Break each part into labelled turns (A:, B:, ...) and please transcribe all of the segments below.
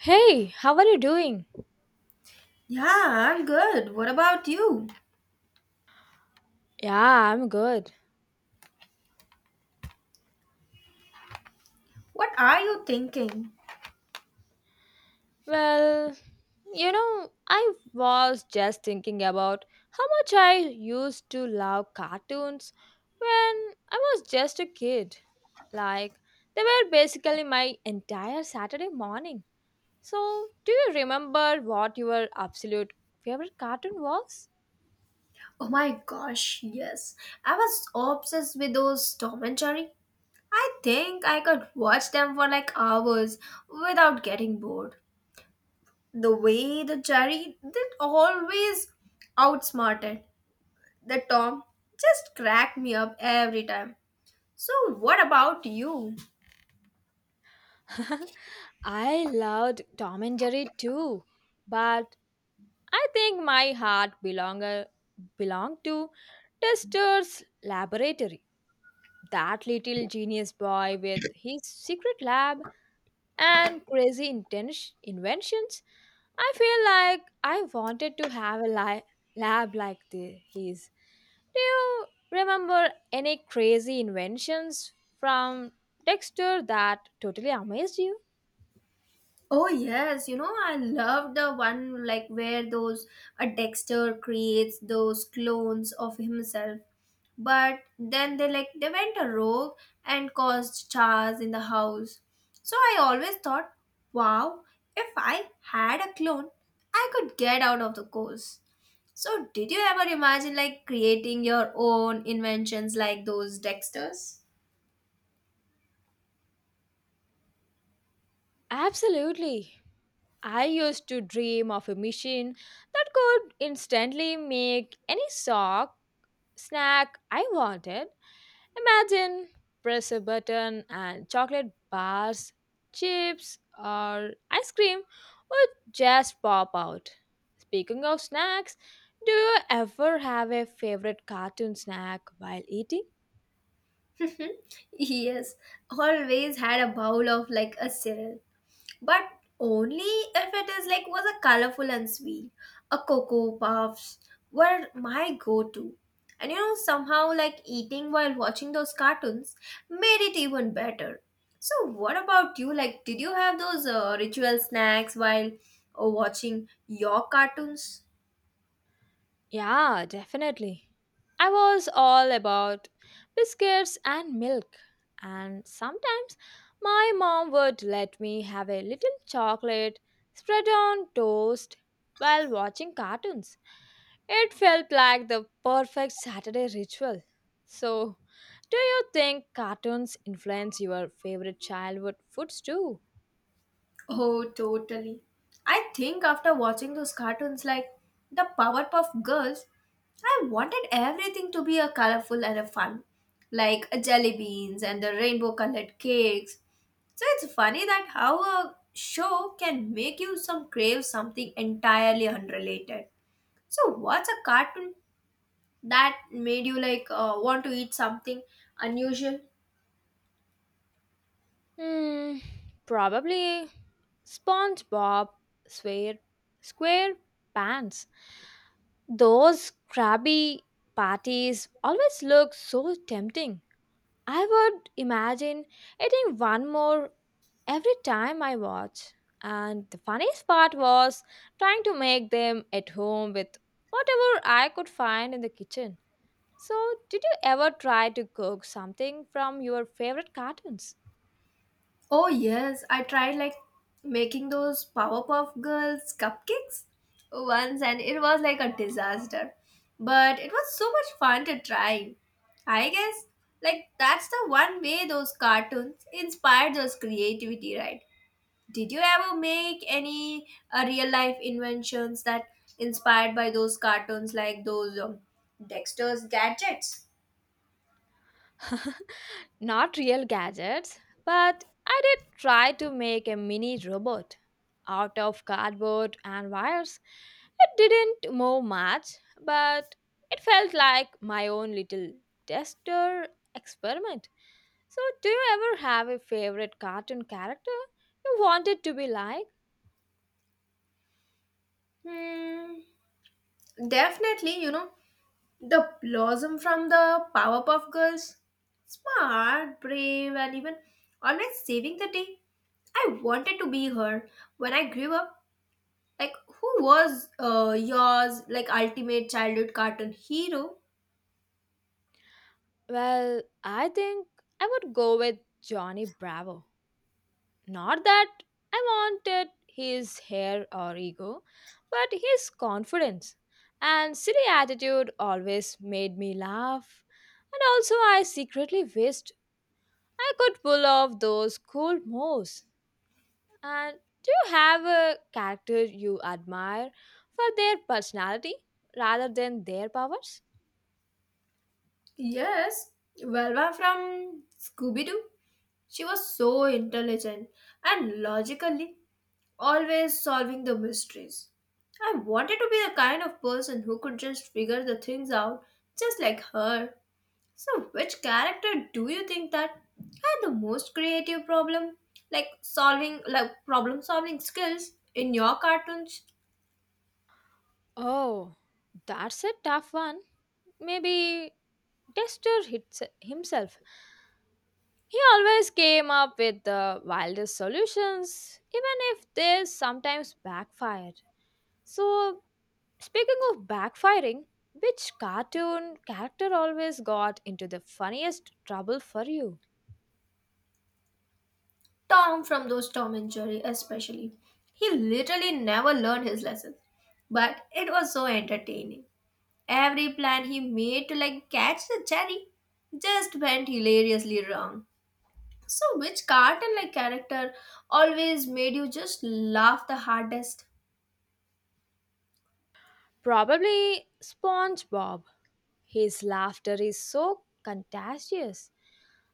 A: Hey, how are you doing?
B: Yeah, I'm good. What about you?
A: Yeah, I'm good.
B: What are you thinking?
A: Well, you know, I was just thinking about how much I used to love cartoons when I was just a kid. Like, they were basically my entire Saturday morning. So, do you remember what your absolute favorite cartoon was?
B: Oh my gosh, yes. I was obsessed with those Tom and Jerry. I think I could watch them for like hours without getting bored. The way the Jerry did always outsmarted the Tom just cracked me up every time. So, what about you?
A: I loved Tom and Jerry too, but I think my heart belonged to Tester's laboratory. That little genius boy with his secret lab and crazy inventions. I feel like I wanted to have a lab like his. Do you remember any crazy inventions from Dexter that totally amazed you?
B: Oh yes, you know I love the one like where those a Dexter creates those clones of himself. But then they like they went a rogue and caused chars in the house. So I always thought, wow, if I had a clone, I could get out of the course. So did you ever imagine like creating your own inventions like those Dexters?
A: Absolutely. I used to dream of a machine that could instantly make any sock snack I wanted. Imagine press a button and chocolate bars, chips, or ice cream would just pop out. Speaking of snacks, do you ever have a favorite cartoon snack while eating?
B: Yes, always had a bowl of like a cereal but only if it is like was a colorful and sweet. A cocoa puffs were my go-to. And you know, somehow like eating while watching those cartoons made it even better. So what about you? Like, did you have those ritual snacks while watching your cartoons?
A: Yeah, definitely. I was all about biscuits and milk, and sometimes my mom would let me have a little chocolate spread on toast while watching cartoons. It felt like the perfect Saturday ritual. So, do you think cartoons influence your favorite childhood foods too?
B: Oh, totally. I think after watching those cartoons like the Powerpuff Girls, I wanted everything to be a colorful and a fun, like a jelly beans and the rainbow colored cakes. So it's funny that how a show can make you some crave something entirely unrelated. So what's a cartoon that made you like want to eat something unusual?
A: Hmm, probably SpongeBob, Square, Square Pants. Those crabby patties always look so tempting. I would imagine eating one more every time I watch. And the funniest part was trying to make them at home with whatever I could find in the kitchen. So, did you ever try to cook something from your favorite cartoons?
B: Oh yes, I tried like making those Powerpuff Girls cupcakes once and it was like a disaster. But it was so much fun to try. I guess like that's the one way those cartoons inspired those creativity, right? Did you ever make any real life inventions that inspired by those cartoons like those Dexter's gadgets?
A: Not real gadgets, but I did try to make a mini robot out of cardboard and wires. It didn't move much, but it felt like my own little tester experiment. So, do you ever have a favorite cartoon character you wanted to be like?
B: Hmm, definitely, you know. The blossom from the Powerpuff Girls. Smart, brave, and even always saving the day. I wanted to be her when I grew up. Like, who was yours, like, ultimate childhood cartoon hero?
A: Well, I think I would go with Johnny Bravo. Not that I wanted his hair or ego, but his confidence and silly attitude always made me laugh. And also, I secretly wished I could pull off those cool moves. And do you have a character you admire for their personality rather than their powers?
B: Yes, Velva from Scooby Doo. She was so intelligent and logically always solving the mysteries. I wanted to be the kind of person who could just figure the things out just like her. So, which character do you think that had the most creative problem, like solving, like problem solving skills in your cartoons?
A: Oh, that's a tough one. Maybe Dexter hits himself. He always came up with the wildest solutions, even if they sometimes backfired. So, speaking of backfiring, which cartoon character always got into the funniest trouble for you?
B: Tom from those Tom and Jerry, especially. He literally never learned his lessons, but it was so entertaining. Every plan he made to like catch the cherry just went hilariously wrong. So, which cartoon like character always made you just laugh the hardest?
A: Probably SpongeBob. His laughter is so contagious.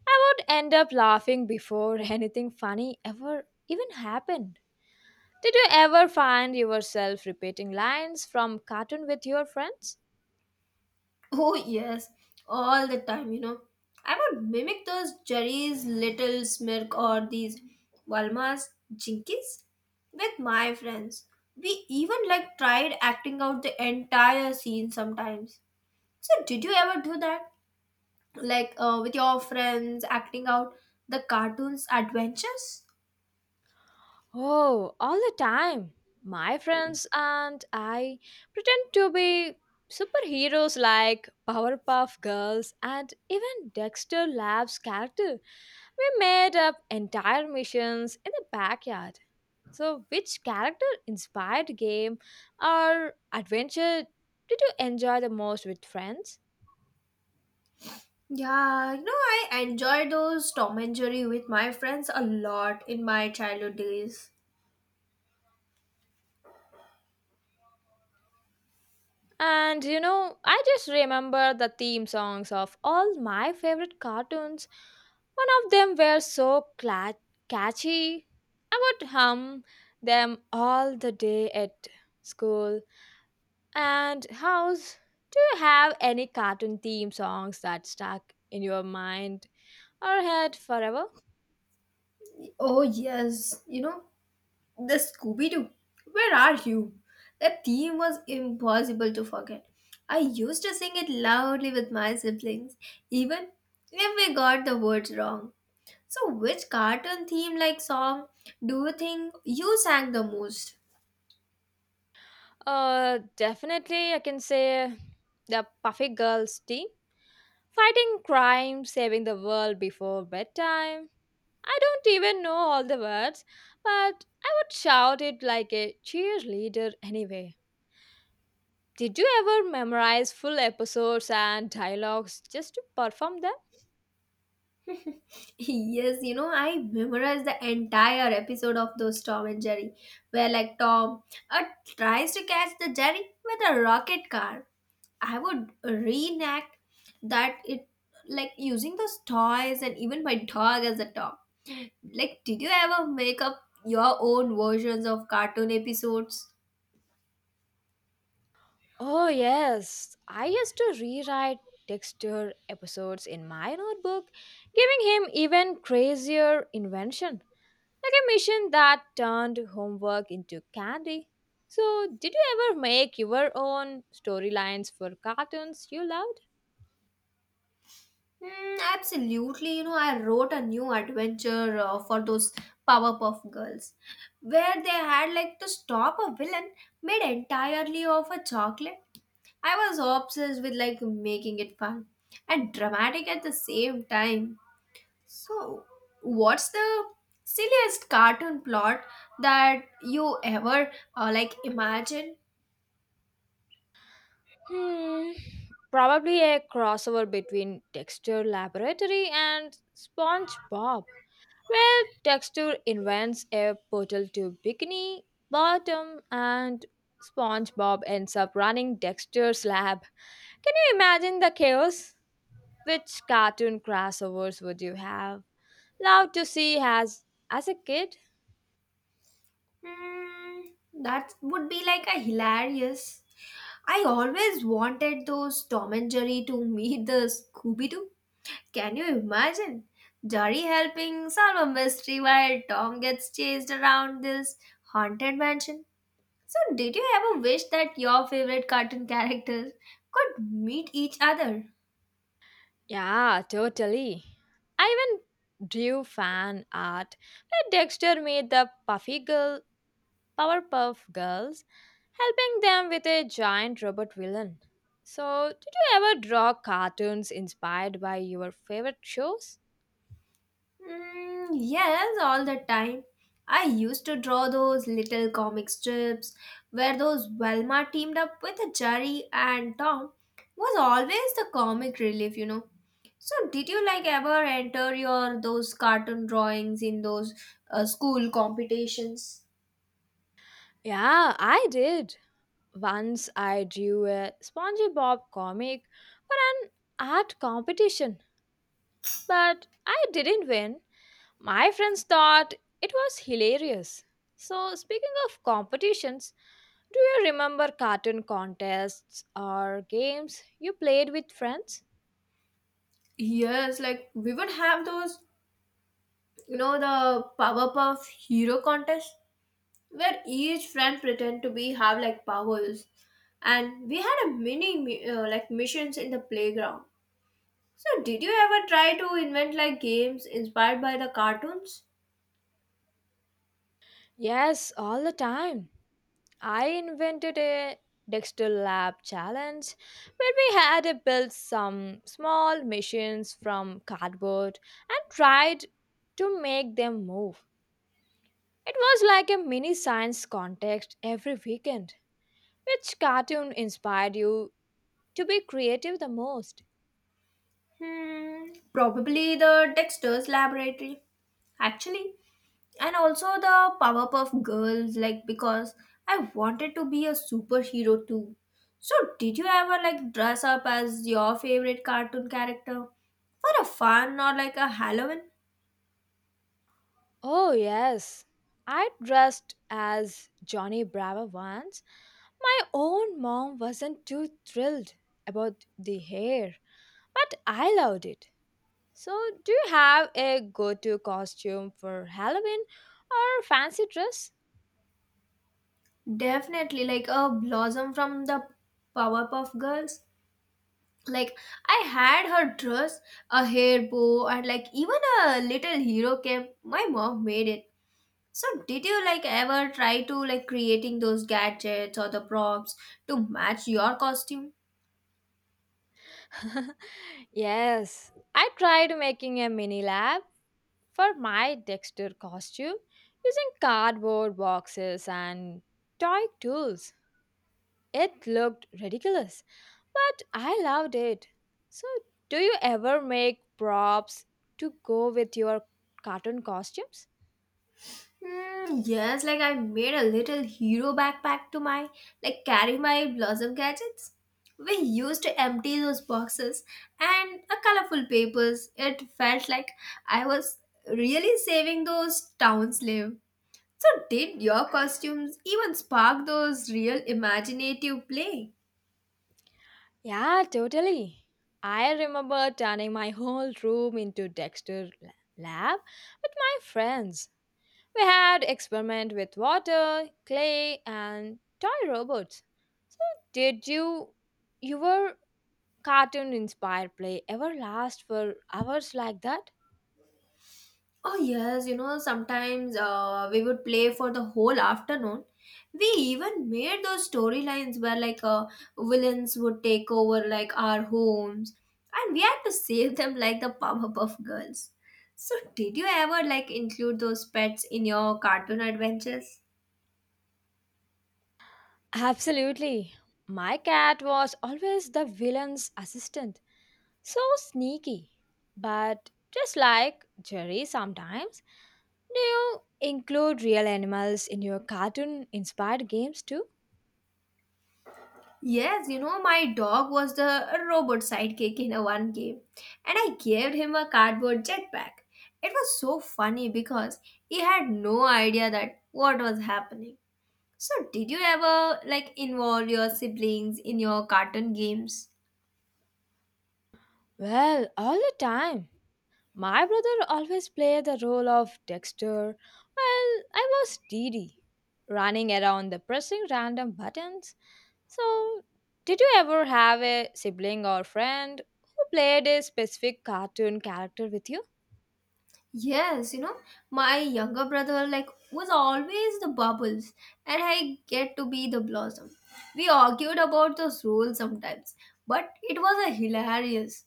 A: I would end up laughing before anything funny ever even happened. Did you ever find yourself repeating lines from cartoon with your friends?
B: Oh, yes, all the time, you know. I would mimic those Jerry's Little Smirk or these Walma's Jinkies with my friends. We even like tried acting out the entire scene sometimes. So, did you ever do that? Like with your friends, acting out the cartoon's adventures?
A: Oh, all the time. My friends and I pretend to be superheroes like Powerpuff Girls and even Dexter Lab's character. We made up entire missions in the backyard. So, which character inspired game or adventure did you enjoy the most with friends?
B: Yeah, you know, I enjoy those Tom and Jerry with my friends a lot in my childhood days.
A: And you know, I just remember the theme songs of all my favorite cartoons. One of them were so catchy. I would hum them all the day at school and house. Do you have any cartoon theme songs that stuck in your mind or head forever?
B: Oh, yes, you know. The Scooby Doo, where are you? That theme was impossible to forget. I used to sing it loudly with my siblings, even if we got the words wrong. So, which cartoon theme like song do you think you sang the most?
A: Definitely, I can say the Puffy Girls team. Fighting crime, saving the world before bedtime. I don't even know all the words, but I would shout it like a cheerleader anyway. Did you ever memorize full episodes and dialogues just to perform them?
B: Yes, you know, I memorized the entire episode of those Tom and Jerry, where like Tom uh, tries to catch the Jerry with a rocket car. I would reenact that it like using those toys and even my dog as a top. Like, did you ever make up your own versions of cartoon episodes?
A: Oh, yes. I used to rewrite Dexter episodes in my notebook, giving him even crazier invention, like a mission that turned homework into candy. So, did you ever make your own storylines for cartoons you loved?
B: Mm, absolutely. You know, I wrote a new adventure for those Powerpuff Girls, where they had like to stop a villain made entirely of a chocolate. I was obsessed with like making it fun and dramatic at the same time. So, what's the silliest cartoon plot that you ever like imagine?
A: Hmm, probably a crossover between Dexter Laboratory and SpongeBob. Well, Texture invents a portal to Bikini Bottom and SpongeBob ends up running Dexter's lab. Can you imagine the chaos? Which cartoon crossovers would you have loved to see as a kid?
B: Hmm, that would be like a hilarious. I always wanted those Tom and Jerry to meet the Scooby Doo. Can you imagine? Jerry helping solve a mystery while Tom gets chased around this haunted mansion. So, did you ever wish that your favorite cartoon characters could meet each other?
A: Yeah, totally. I even drew fan art where Dexter made the puffy girl Powerpuff Girls, helping them with a giant robot villain. So, did you ever draw cartoons inspired by your favorite shows?
B: Mm, yes, all the time. I used to draw those little comic strips where those Velma teamed up with Jerry and Tom was always the comic relief, you know. So did you like ever enter your those cartoon drawings in those school competitions?
A: Yeah, I did. Once I drew a SpongeBob comic for an art competition, but I didn't win. My friends thought it was hilarious. So, speaking of competitions, do you remember cartoon contests or games you played with friends?
B: Yes, like we would have those, you know, the Powerpuff Hero contest where each friend pretend to be have like powers and we had a like missions in the playground. So did you ever try to invent like games inspired by the cartoons?
A: Yes, all the time. I invented a Dexter Lab challenge where we had to build some small machines from cardboard and tried to make them move. It was like a mini science contest every weekend. Which cartoon inspired you to be creative the most?
B: Hmm, probably the Dexter's laboratory actually, and also the Powerpuff Girls, like because I wanted to be a superhero too. So did you ever like dress up as your favorite cartoon character for a fun or like a Halloween?
A: Oh, yes. I dressed as Johnny Bravo once. My own mom wasn't too thrilled about the hair, but I loved it. So, do you have a go to costume for Halloween or fancy dress?
B: Definitely, like a blossom from the Powerpuff Girls. Like I had her dress, a hair bow, and like even a little hero cap. My mom made it. So did you like ever try to like creating those gadgets or the props to match your costume?
A: yes, I tried making a mini lab for my Dexter costume using cardboard boxes and toy tools. It looked ridiculous, but I loved it. So, do you ever make props to go with your cartoon costumes?
B: Hmm, yes, like I made a little hero backpack to my like carry my blossom gadgets. We used to empty those boxes and a colorful papers. It felt like I was really saving those town slave. So did your costumes even spark those real imaginative play?
A: Yeah, totally. I remember turning my whole room into Dexter lab with my friends. We had experiment with water, clay and toy robots. So did you your cartoon inspired play ever last for hours like that?
B: Oh, yes, you know, sometimes we would play for the whole afternoon. We even made those storylines where like villains would take over like our homes and we had to save them like the Powerpuff Girls. So, did you ever like include those pets in your cartoon adventures?
A: Absolutely. My cat was always the villain's assistant. So sneaky. But just like Jerry sometimes. Do you include real animals in your cartoon inspired games too?
B: Yes, you know, my dog was the robot sidekick in a one game, and I gave him a cardboard jetpack. It was so funny because he had no idea that what was happening. So, did you ever like involve your siblings in your cartoon games?
A: Well, all the time. My brother always played the role of Dexter, while I was Dee Dee, running around the pressing random buttons. So, did you ever have a sibling or friend who played a specific cartoon character with you?
B: Yes, you know, my younger brother like was always the bubbles and I get to be the blossom. We argued about those rules sometimes, but it was a hilarious.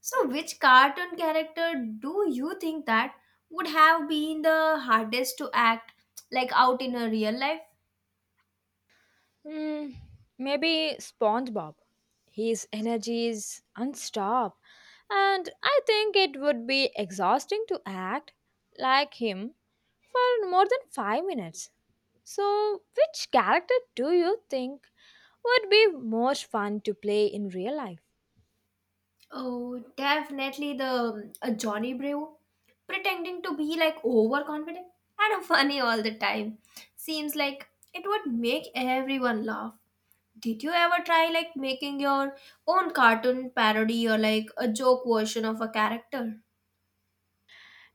B: So, which cartoon character do you think that would have been the hardest to act like out in a real life?
A: Hmm, maybe SpongeBob. His energy is unstopped, and I think it would be exhausting to act like him for more than 5 minutes. So, which character do you think would be most fun to play in real life?
B: Oh, definitely the Johnny Bravo, pretending to be like overconfident and funny all the time. Seems like it would make everyone laugh. Did you ever try like making your own cartoon parody or like a joke version of a character?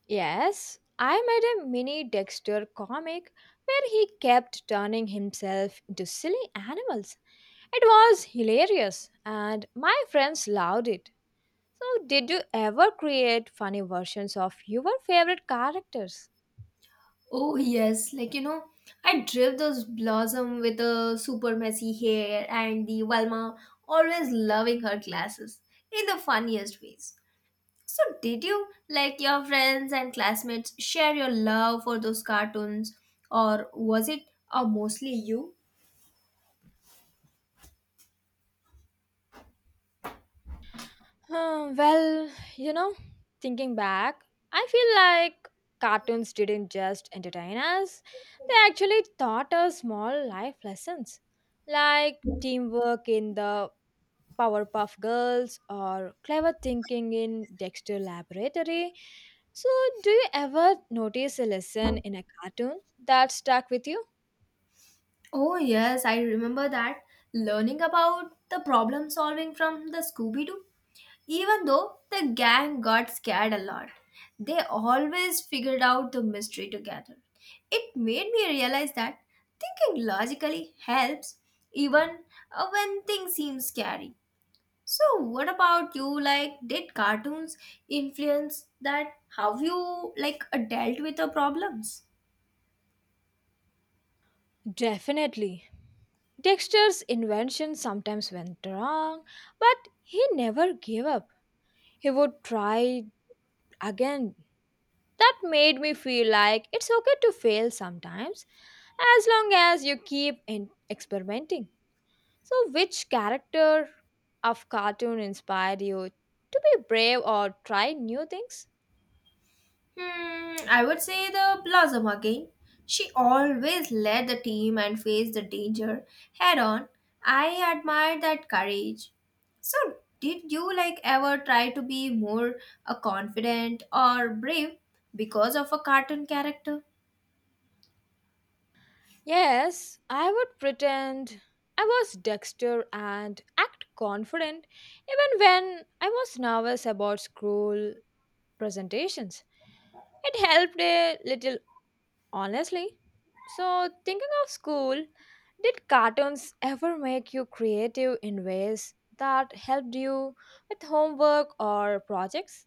A: Yes, I made a mini Dexter comic where he kept turning himself into silly animals. It was hilarious and my friends loved it. So, did you ever create funny versions of your favorite characters?
B: Oh yes, like you know, I drip those blossom with the super messy hair and the Velma always loving her classes in the funniest ways. So did you like your friends and classmates share your love for those cartoons or was it mostly you?
A: Hmm, well, you know, thinking back, I feel like cartoons didn't just entertain us, they actually taught us small life lessons like teamwork in the Powerpuff Girls or clever thinking in Dexter Laboratory. So, do you ever notice a lesson in a cartoon that stuck with you?
B: Oh yes, I remember that learning about the problem solving from the Scooby Doo. Even though the gang got scared a lot, they always figured out the mystery together. It made me realize that thinking logically helps even when things seem scary. So, what about you? Like, did cartoons influence that how you like dealt with the problems?
A: Definitely. Dexter's invention sometimes went wrong, but he never gave up. He would try again. That made me feel like it's okay to fail sometimes as long as you keep in experimenting. So, which character of cartoon inspired you to be brave or try new things?
B: Hmm, I would say the Blossom again. She always led the team and faced the danger head on. I admire that courage. So, did you like ever try to be more confident or brave because of a cartoon character?
A: Yes, I would pretend I was Dexter and act confident even when I was nervous about school presentations. It helped a little, honestly. So, thinking of school, did cartoons ever make you creative in ways that helped you with homework or projects?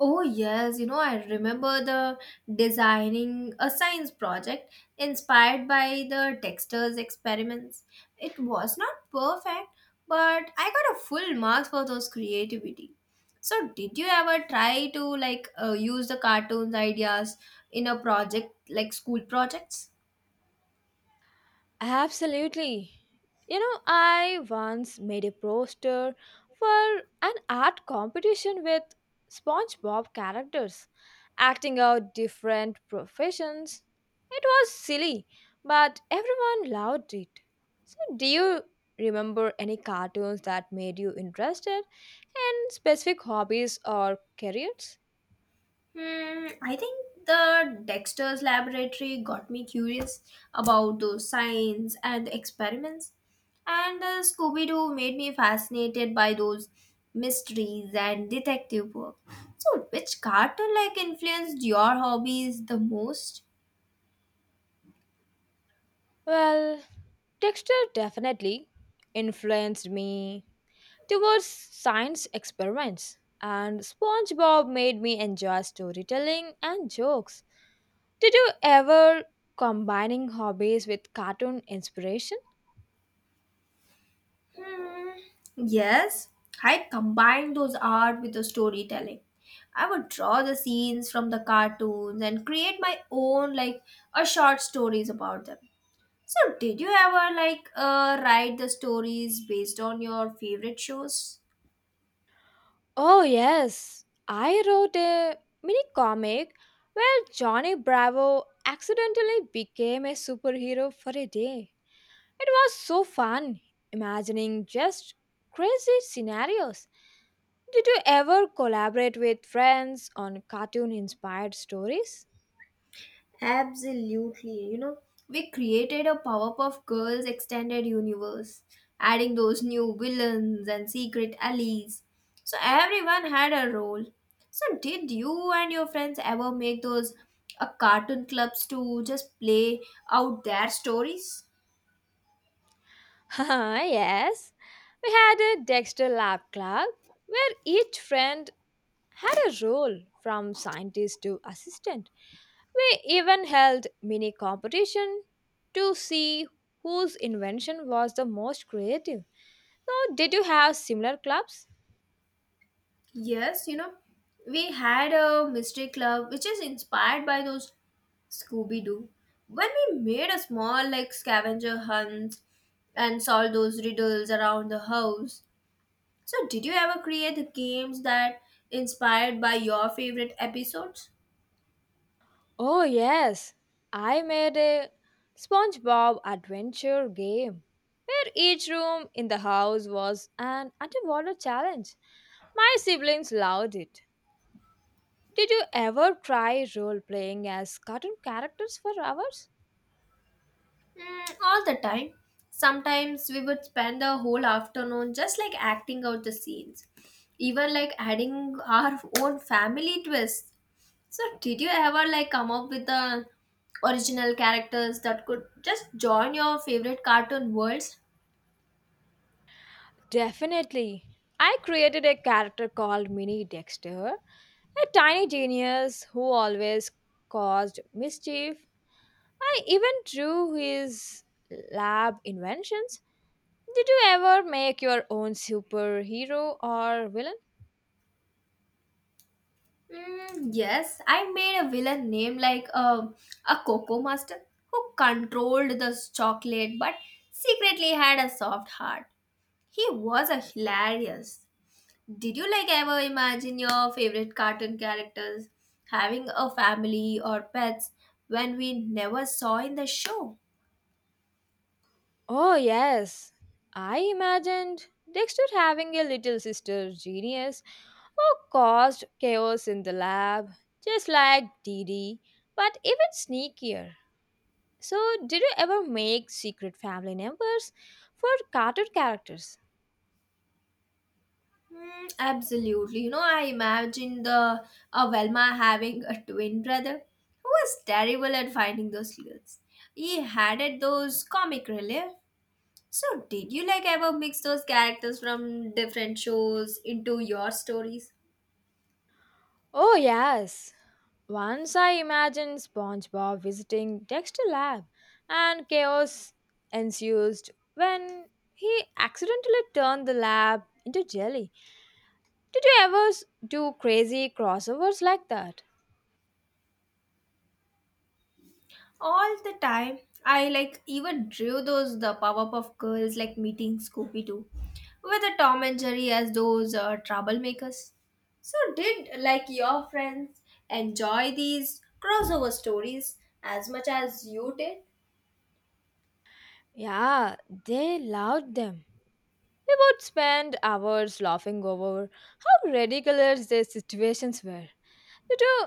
B: Oh, yes, you know, I remember the designing a science project inspired by the Dexter's experiments. It was not perfect, but I got a full marks for those creativity. So, did you ever try to like use the cartoons ideas in a project like school projects?
A: Absolutely. You know, I once made a poster for an art competition with SpongeBob characters, acting out different professions. It was silly, but everyone loved it. So, do you remember any cartoons that made you interested in specific hobbies or careers?
B: Hmm, I think the Dexter's laboratory got me curious about those science and the experiments. And Scooby Doo made me fascinated by those mysteries and detective work. So, which cartoon like influenced your hobbies the most?
A: Well, texture definitely influenced me towards science experiments. And SpongeBob made me enjoy storytelling and jokes. Did you ever combining hobbies with cartoon inspiration?
B: Hmm, yes, I combined those art with the storytelling. I would draw the scenes from the cartoons and create my own, like, a short stories about them. So, did you ever like write the stories based on your favorite shows?
A: Oh yes, I wrote a mini comic where Johnny Bravo accidentally became a superhero for a day. It was so fun imagining just crazy scenarios. Did you ever collaborate with friends on cartoon inspired stories?
B: Absolutely. You know, we created a Powerpuff Girls extended universe, adding those new villains and secret allies. So, everyone had a role. So, did you and your friends ever make those cartoon clubs to just play out their stories?
A: yes, we had a Dexter Lab Club where each friend had a role from scientist to assistant. We even held mini competition to see whose invention was the most creative. So, did you have similar clubs?
B: Yes, you know, we had a mystery club which is inspired by those Scooby Doo. When we made a small like scavenger hunt and solved those riddles around the house. So, did you ever create the games that inspired by your favorite episodes?
A: Oh, yes. I made a SpongeBob adventure game where each room in the house was an underwater challenge. My siblings loved it. Did you ever try role playing as cartoon characters for hours?
B: Mm, all the time. Sometimes we would spend the whole afternoon just like acting out the scenes, even like adding our own family twists. So, did you ever like come up with the original characters that could just join your favorite cartoon worlds?
A: Definitely. I created a character called Mini Dexter, a tiny genius who always caused mischief. I even drew his lab inventions. Did you ever make your own superhero or villain?
B: Mm, yes, I made a villain named like a Coco Master who controlled the chocolate but secretly had a soft heart. He was a hilarious. Did you like ever imagine your favorite cartoon characters having a family or pets when we never saw in the show?
A: Oh, yes. I imagined Dexter having a little sister, Genius, who caused chaos in the lab, just like Dee Dee, but even sneakier. So, did you ever make secret family numbers for cartoon characters?
B: Mm, absolutely. You know, I imagine the Avelma having a twin brother who was terrible at finding those clues. He had it those comic relief. So, did you like ever mix those characters from different shows into your stories?
A: Oh, yes. Once I imagined SpongeBob visiting Dexter Lab, and chaos ensued when he accidentally turned the lab into jelly. Did you ever do crazy crossovers like that?
B: All the time. I like even drew those the Powerpuff Girls like meeting Scooby-Doo with the Tom and Jerry as those troublemakers. So did like your friends enjoy these crossover stories as much as you did?
A: Yeah, they loved them. We would spend hours laughing over how ridiculous these situations were. Did you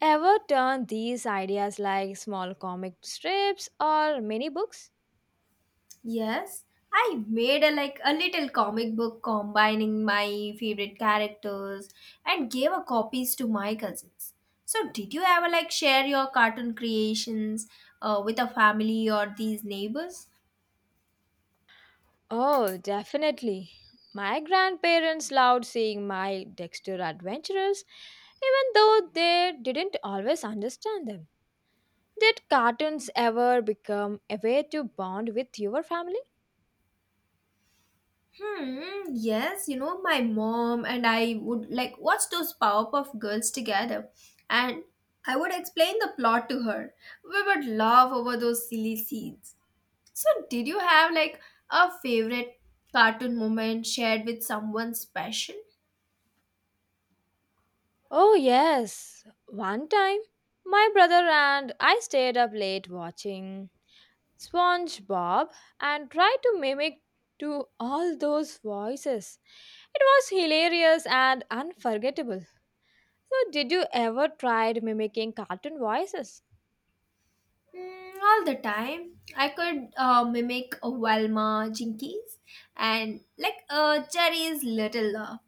A: ever turn these ideas like small comic strips or mini books?
B: Yes, I made a like a little comic book combining my favorite characters and gave a copies to my cousins. So did you ever like share your cartoon creations with a family or these neighbors?
A: Oh, definitely. My grandparents loved seeing my Dexter adventures, even though they didn't always understand them. Did cartoons ever become a way to bond with your family?
B: Hmm, yes, you know, my mom and I would like watch those Powerpuff Girls together and I would explain the plot to her. We would laugh over those silly scenes. So, did you have like a favorite cartoon moment shared with someone special?
A: Oh, yes. One time, my brother and I stayed up late watching SpongeBob and tried to mimic to all those voices. It was hilarious and unforgettable. So, did you ever try mimicking cartoon voices?
B: Mm, all the time. I could mimic a Velma Jinkies and like Jerry's Little Love.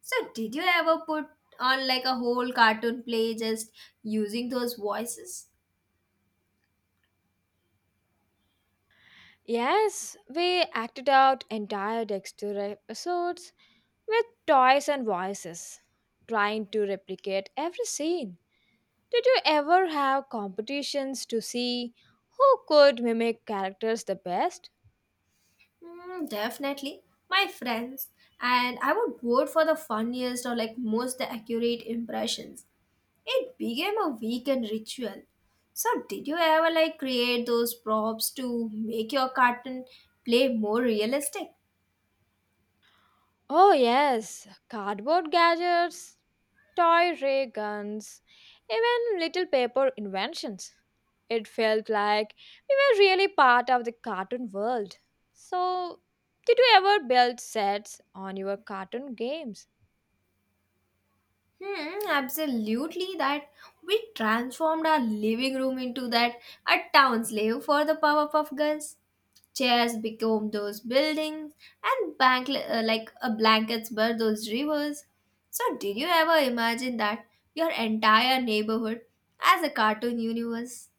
B: So, did you ever put on like a whole cartoon play just using those voices?
A: Yes, we acted out entire Dexter episodes with toys and voices, trying to replicate every scene. Did you ever have competitions to see who could mimic characters the best?
B: Mm, definitely. My friends. And I would vote for the funniest or like most accurate impressions. It became a weekend ritual. So, did you ever like create those props to make your cartoon play more realistic?
A: Oh, yes, cardboard gadgets, toy ray guns, even little paper inventions. It felt like we were really part of the cartoon world. So, did you ever build sets on your cartoon games?
B: Hmm, absolutely. That we transformed our living room into that a town slave for the Powerpuff Girls. Chairs became those buildings, and bank like a blankets were those rivers. So, did you ever imagine that your entire neighborhood as a cartoon universe?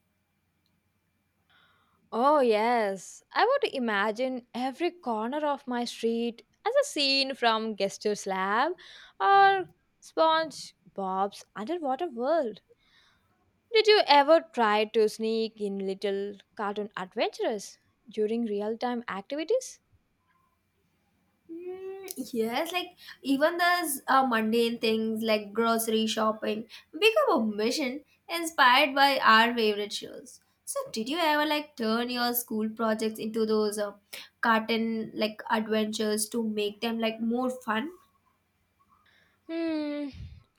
A: Oh, yes. I would imagine every corner of my street as a scene from Gestus Lab or Sponge Bob's Underwater World. Did you ever try to sneak in little cartoon adventures during real time activities?
B: Mm, yes, like even those mundane things like grocery shopping become a mission inspired by our favorite shows. So, did you ever like turn your school projects into those cartoon like adventures to make them like more fun?
A: Hmm.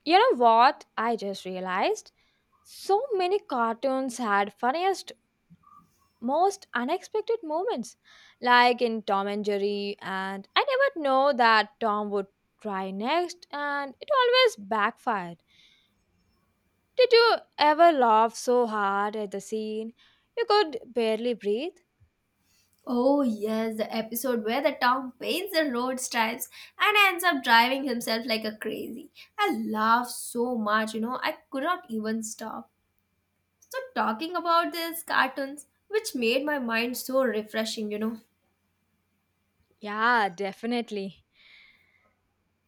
A: You know what? I just realized so many cartoons had funniest most unexpected moments, like in Tom and Jerry. And I never know that Tom would try next, and it always backfired. Did you ever laugh so hard at the scene you could barely breathe?
B: Oh, yes, the episode where the town paints the road stripes and ends up driving himself like a crazy. I laughed so much, you know, I could not even stop. So, talking about these cartoons, which made my mind so refreshing, you know.
A: Yeah, definitely.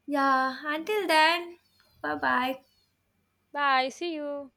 B: Yeah, until then, bye bye.
A: Bye, see you.